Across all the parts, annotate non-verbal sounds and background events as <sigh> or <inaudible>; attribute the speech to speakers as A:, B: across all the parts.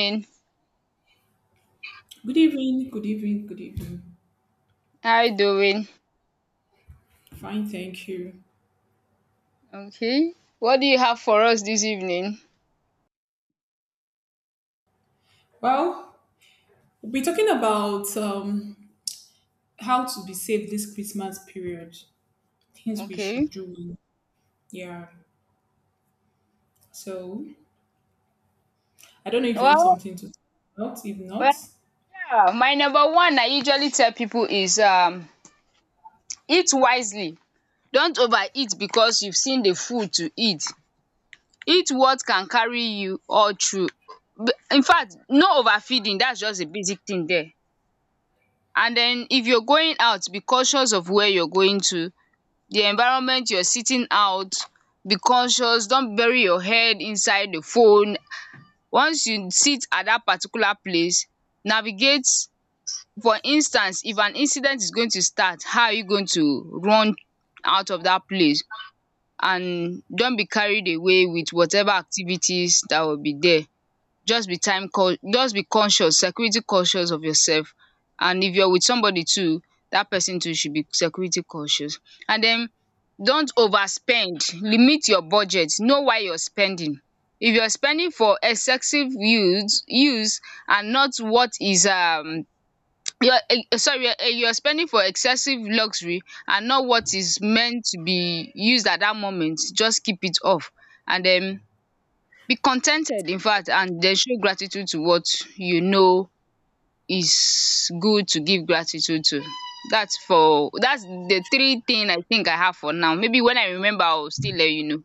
A: Morning.
B: Good evening, good evening, good evening.
A: How you doing?
B: Fine, thank you.
A: Okay. What do you have for us this evening?
B: Well, we'll be talking about how to be safe this Christmas period, things we
A: Okay.
B: should do. Yeah. So, I don't know if you have
A: Well,
B: something to talk about. If
A: well,
B: not,
A: yeah. my number one I usually tell people is eat wisely. Don't overeat because you've seen the food to eat. Eat what can carry you all through. In fact, no overfeeding, that's just a basic thing there. And then if you're going out, be conscious of where you're going to, the environment you're sitting out, be conscious, don't bury your head inside the phone. Once you sit at that particular place, navigate. For instance, if an incident is going to start, how are you going to run out of that place? And don't be carried away with whatever activities that will be there. Just be conscious, security conscious of yourself. And if you're with somebody too, that person too should be security conscious. And then don't overspend, limit your budget, know why you're spending. If you're spending for excessive use and not what is your you're spending for excessive luxury and not what is meant to be used at that moment, just keep it off. And then be contented, in fact, and then show gratitude to what you know is good to give gratitude to. That's the three thing I think I have for now. Maybe when I remember I will still let you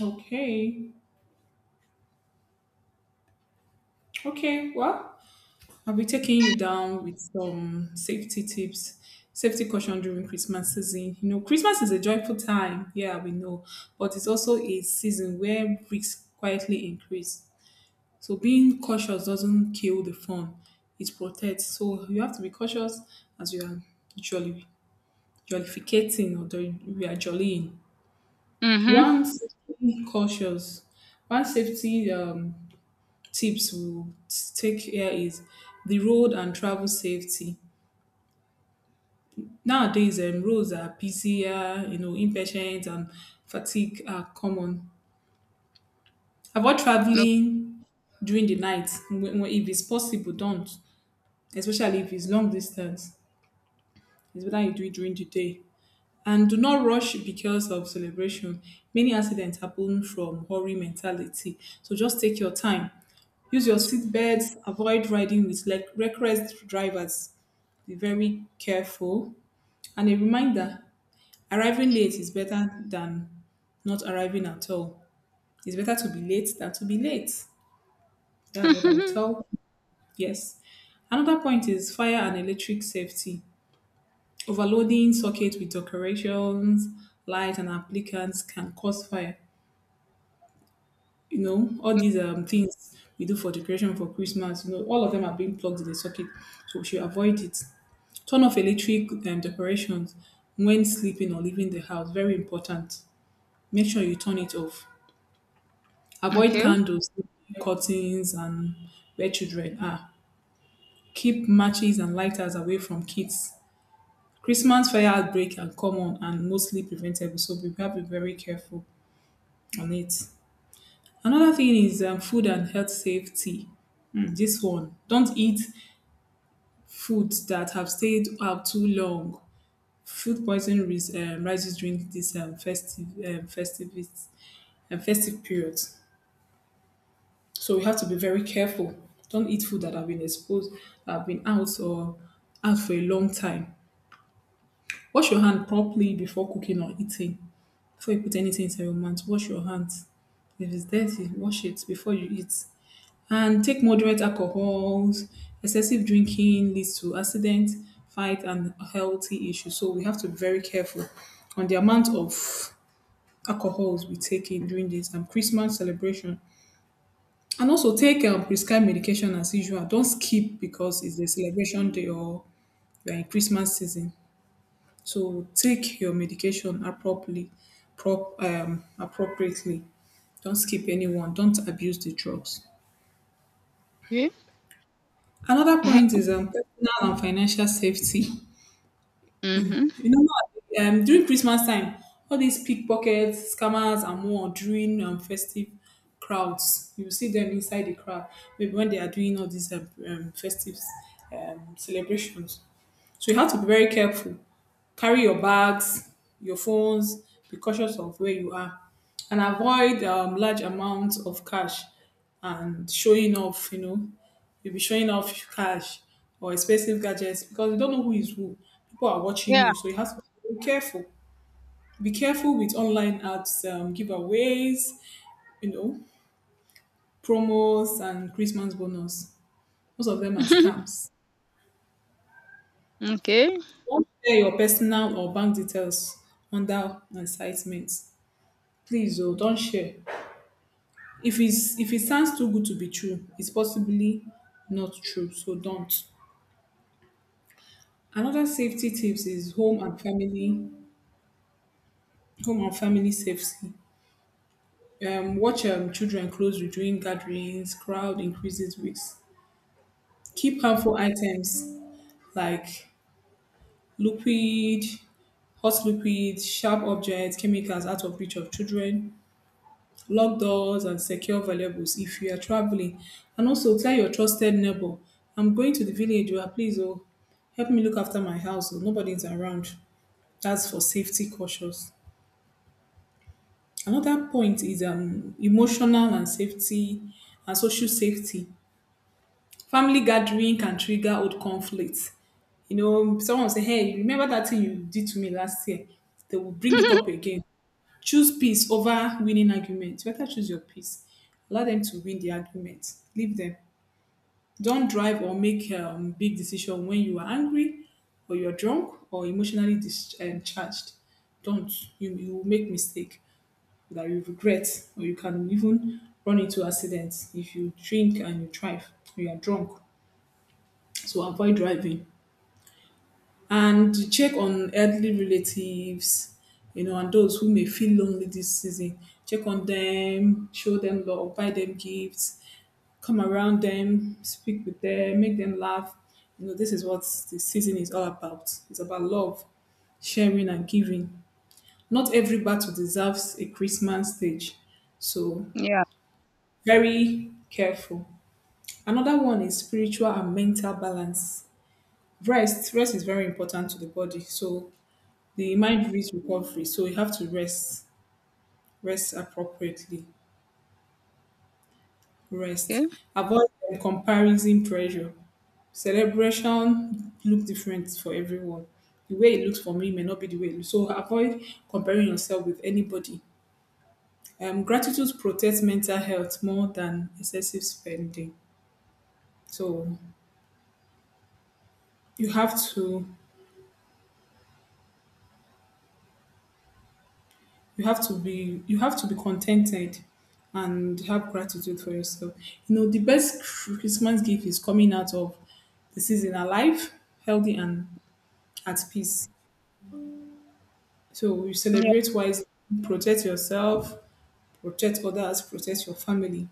B: okay. Okay, well, I'll be taking you down with some safety tips, safety caution during Christmas season. You know, Christmas is a joyful time. Yeah, we know. But it's also a season where risks quietly increase. So being cautious doesn't kill the fun; it protects. So you have to be cautious as you are jolly, we are jollying.
A: know. Mhm.
B: One safety cautious, one safety tips we'll take here is the road and travel safety. Nowadays, roads are busier, you know, impatience and fatigue are common. Avoid traveling during the night. If it's possible, don't, especially if it's long distance. It's better you do it during the day. And do not rush because of celebration. Many accidents happen from hurry mentality. So just take your time. Use your seat belts. Avoid riding with like reckless drivers. Be very careful. And a reminder, arriving late is better than not arriving at all. It's better to be late than to be late.
A: O
B: That's what I would
A: <laughs>
B: tell. Yes. Another point is fire and electric safety. Overloading socket with decorations, light, and applicants can cause fire. You know, all these things we do for decoration for Christmas, you know, all of them are being plugged in the socket, so we should avoid it. Turn off electric decorations when sleeping or leaving the house. Very important. Make sure you turn it off. Avoid
A: okay.
B: candles, curtains, and where children are. Keep matches and lighters away from kids. Christmas fire outbreak are common and mostly preventable, so we have to be very careful on it. Another thing is food and health safety. Hmm, this one, don't eat foods that have stayed out too long. Food poisoning rises during this festive periods. So we have to be very careful. Don't eat food that have been exposed, that have been out or out for a long time. Wash your hand properly before cooking or eating. Before you put anything inside your mouth, wash your hands. If it's dirty, wash it before you eat. And take moderate alcohols. Excessive drinking leads to accident, fight, and healthy issues. So we have to be very careful on the amount of alcohols we take in during this Christmas celebration. And also take prescribed medication as usual. Don't skip because it's the celebration day or you're in Christmas season. So take your medication appropriately, appropriately. Don't skip anyone. Don't abuse the drugs.
A: Okay.
B: Another point is personal and financial safety.
A: Mhm.
B: You know, now, during Christmas time, all these pickpockets, scammers, and more during festive crowds. You will see them inside the crowd, maybe when they are doing all these festive celebrations. So you have to be very careful. Carry your bags, your phones, be cautious of where you are, and avoid large amounts of cash and showing off. You know, you'll be showing off cash or expensive gadgets because you don't know who is who. People are watching
A: Yeah.
B: you, so you have to be careful. Be careful with online ads, giveaways, you know, promos, and Christmas bonus. Most of them are
A: <laughs>
B: scams.
A: Okay.
B: Don't share your personal or bank details under incitement. Please oh, don't share. If it sounds too good to be true, it's possibly not true. So don't. Another safety tips is home and family safety. Watch children closely during gatherings, crowd increases risks. Keep harmful items like liquid, hot liquid, sharp objects, chemicals out of reach of children. Lock doors and secure valuables if you are traveling. And also tell your trusted neighbor, I'm going to the village, oh, please oh, help me look after my house. Oh, nobody is around. That's for safety cautious. Another point is emotional and safety and social safety. Family gathering can trigger old conflicts. You know, someone will say, "Hey, remember that thing you did to me last year?" They will bring it up
A: <laughs>
B: again. Choose peace over winning argument, better choose your peace, allow them to win the argument, leave them. Don't drive or make big decision when you are angry or you're drunk or emotionally discharged. Don't. You will make mistake that you regret, or you can even run into accidents if you drink and you drive, you are drunk. So avoid driving. And check on elderly relatives, you know, and those who may feel lonely this season. Check on them, show them love, buy them gifts, come around them, speak with them, make them laugh. You know, this is what the season is all about. It's about love, sharing, and giving. Not every battle deserves a Christmas stage. So,
A: Yeah.
B: very careful. Another one is spiritual and mental balance. Rest, rest is very important to the body. So, the mind needs recovery, so you have to rest appropriately. Rest,
A: Okay.
B: avoid comparison pressure. Celebration look different for everyone. The way it looks for me may not be the way it looks, so avoid comparing yourself with anybody. Gratitude protects mental health more than excessive spending. So you have to you have to be contented and have gratitude for yourself. You know, the best Christmas gift is coming out of the season alive, healthy, and at peace. So you
A: Yeah.
B: celebrate wisely, protect yourself, protect others, protect your family.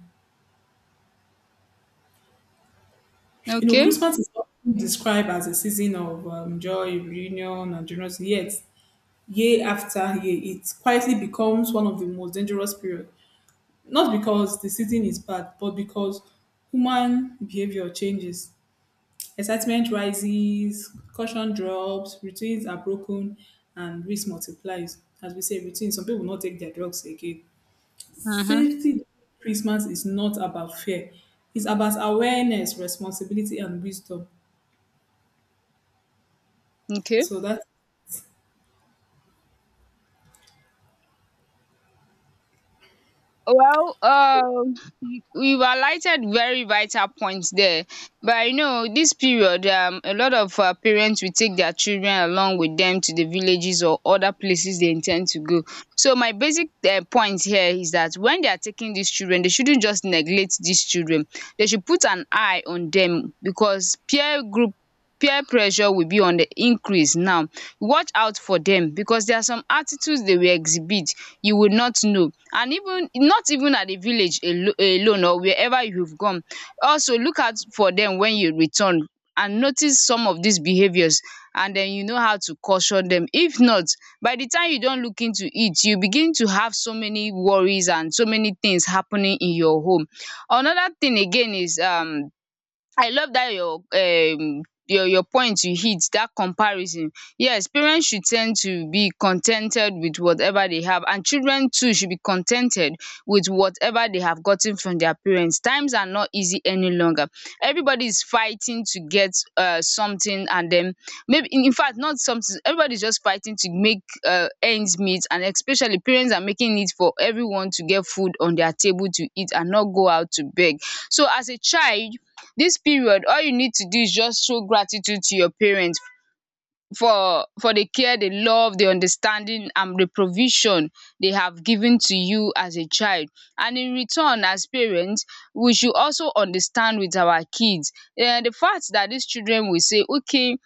B: You know,
A: Okay.
B: Christmas is often described as a season of joy, reunion, and generosity. Yet, year after year, it quietly becomes one of the most dangerous periods. Not because the season is bad, but because human behavior changes. Excitement rises, caution drops, routines are broken, and risk multiplies. As we say, routine, some people not take their drugs again.
A: Mhm.
B: Safety during Christmas is not about fear. It's about awareness, responsibility, and wisdom.
A: Okay.
B: So that's—
A: Well, we've highlighted very vital points there. But you know, this period, a lot of parents will take their children along with them to the villages or other places they intend to go. So my basic point here is that when they are taking these children, they shouldn't just neglect these children. They should put an eye on them because peer pressure will be on the increase now. Watch out for them because there are some attitudes they will exhibit you would not know, and even not even at the village alone or wherever you've gone. Also look out for them when you return and notice some of these behaviours, and then you know how to caution them. If not, by the time you don't look into it, you begin to have so many worries and so many things happening in your home. Another thing again is I love that your your point, you hit that comparison. Yes, parents should tend to be contented with whatever they have, and children too should be contented with whatever they have gotten from their parents. Times are not easy any longer. Everybody is fighting to get something, and then maybe in fact not something, everybody's just fighting to make ends meet, and especially parents are making it for everyone to get food on their table to eat and not go out to beg. So as a child, this period all you need to do is just show gratitude to your parents for the care, the love, the understanding and the provision they have given to you as a child. And in return as parents, we should also understand with our kids. The fact that these children will say, okay,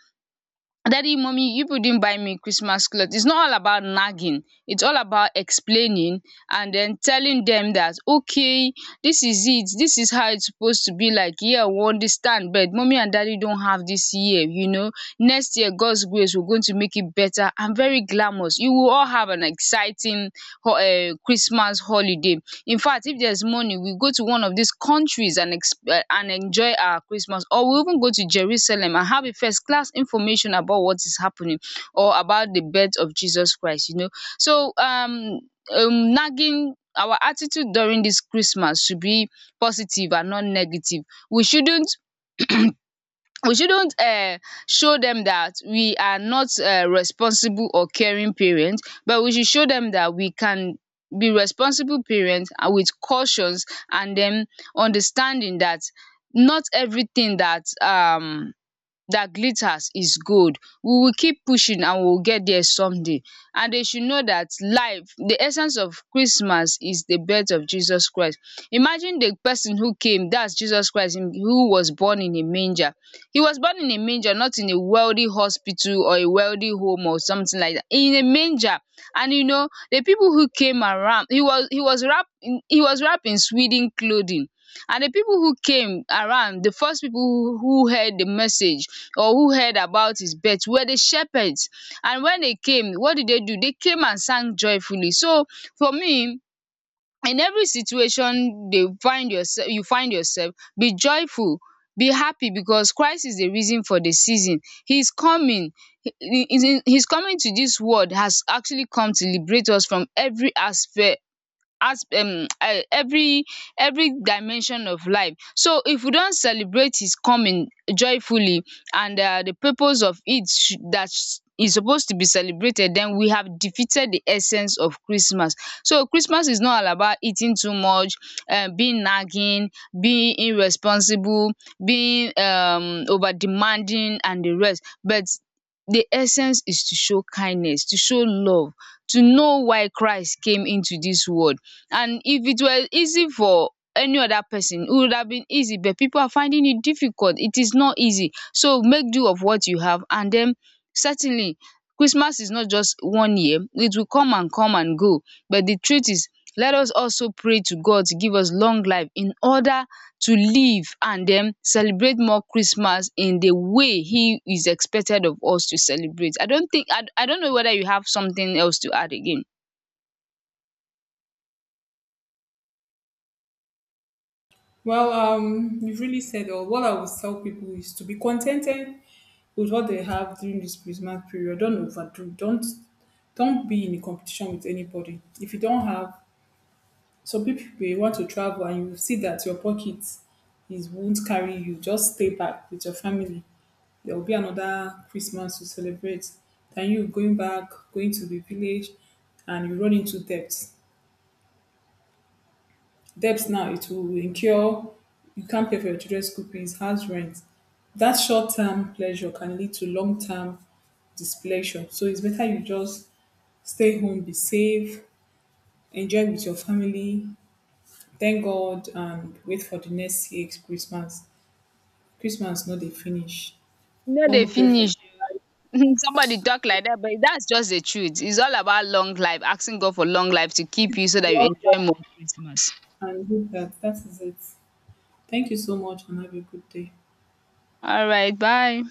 A: Daddy, mommy, you didn't buy me Christmas clothes. It's not all about nagging. It's all about explaining and then telling them that, okay, this is it. This is how it's supposed to be like. Yeah, we understand, but mommy and daddy don't have this year, you know. Next year, God's grace, we're going to make it better and very glamorous. You will all have an exciting Christmas holiday. In fact, if there's money, we go to one of these countries and and enjoy our Christmas, or we even go to Jerusalem and have a first class information about what is happening or about the birth of Jesus Christ, you know. So nagging our attitude during this Christmas should be positive and not negative. We shouldn't, we shouldn't show them that we are not responsible or caring parents, but we should show them that we can be responsible parents and with cautions, and then understanding that not everything that that glitters is gold. We will keep pushing and we will get there someday. And they should know that life, the essence of Christmas is the birth of Jesus Christ. Imagine the person who came, that's Jesus Christ, who was born in a manger. He was born in a manger, not in a wealthy hospital or a wealthy home or something like that. In a manger. And you know, the people who came around, he was wrapped in, he was wrapped in Sweden clothing. And the people who came around, the first people who heard the message or who heard about his birth were the shepherds. And when they came, what did they do? They came and sang joyfully. So for me, in every situation they find yourself you find yourself, be joyful, be happy because Christ is the reason for the season. He's coming. He's coming to this world, has actually come to liberate us from every aspect, as every dimension of life. So if we don celebrate his coming joyfully, and the purpose of it should that is suppose to be celebrated, then we have defeated the essence of Christmas. So Christmas is not all about eating too much, being nagging, being irresponsible, being over demanding and the rest, but the essence is to show kindness, to show love, to know why Christ came into this world. And if it were easy for any other person, it would have been easy, but people are finding it difficult. It is not easy. So make do of what you have. And then certainly, Christmas is not just one year. It will come and come and go. But the truth is, let us also pray to God to give us long life in order to live and then celebrate more Christmas in the way He is expected of us to celebrate. I don't think I don't know whether you have something else to add again.
B: well, you've really said all. What I would tell people is to be contented with what they have during this Christmas period. Don't overdo. Don't be in a competition with anybody. If you don't have, some people may want to travel and you see that your pocket is won't carry you. Just stay back with your family. There will be another Christmas to celebrate. Then you going back, going to the village, and you run into debt. Debts now, it will incur, you can't pay for your children's school fees, house rent. That short term pleasure can lead to long term displeasure. So it's better you just stay home, be safe, enjoy with your family, thank God, and wait for the next year's Christmas. Christmas not dey finish.
A: You no
B: What
A: dey
B: we pray for,
A: finish. <laughs> Somebody talk like that, but that's just the truth. It's all about long life, asking God for long life to keep you so that you enjoy
B: love
A: more Christmas.
B: that and do that. That is it. Thank you so much, and have a good day.
A: All right, bye.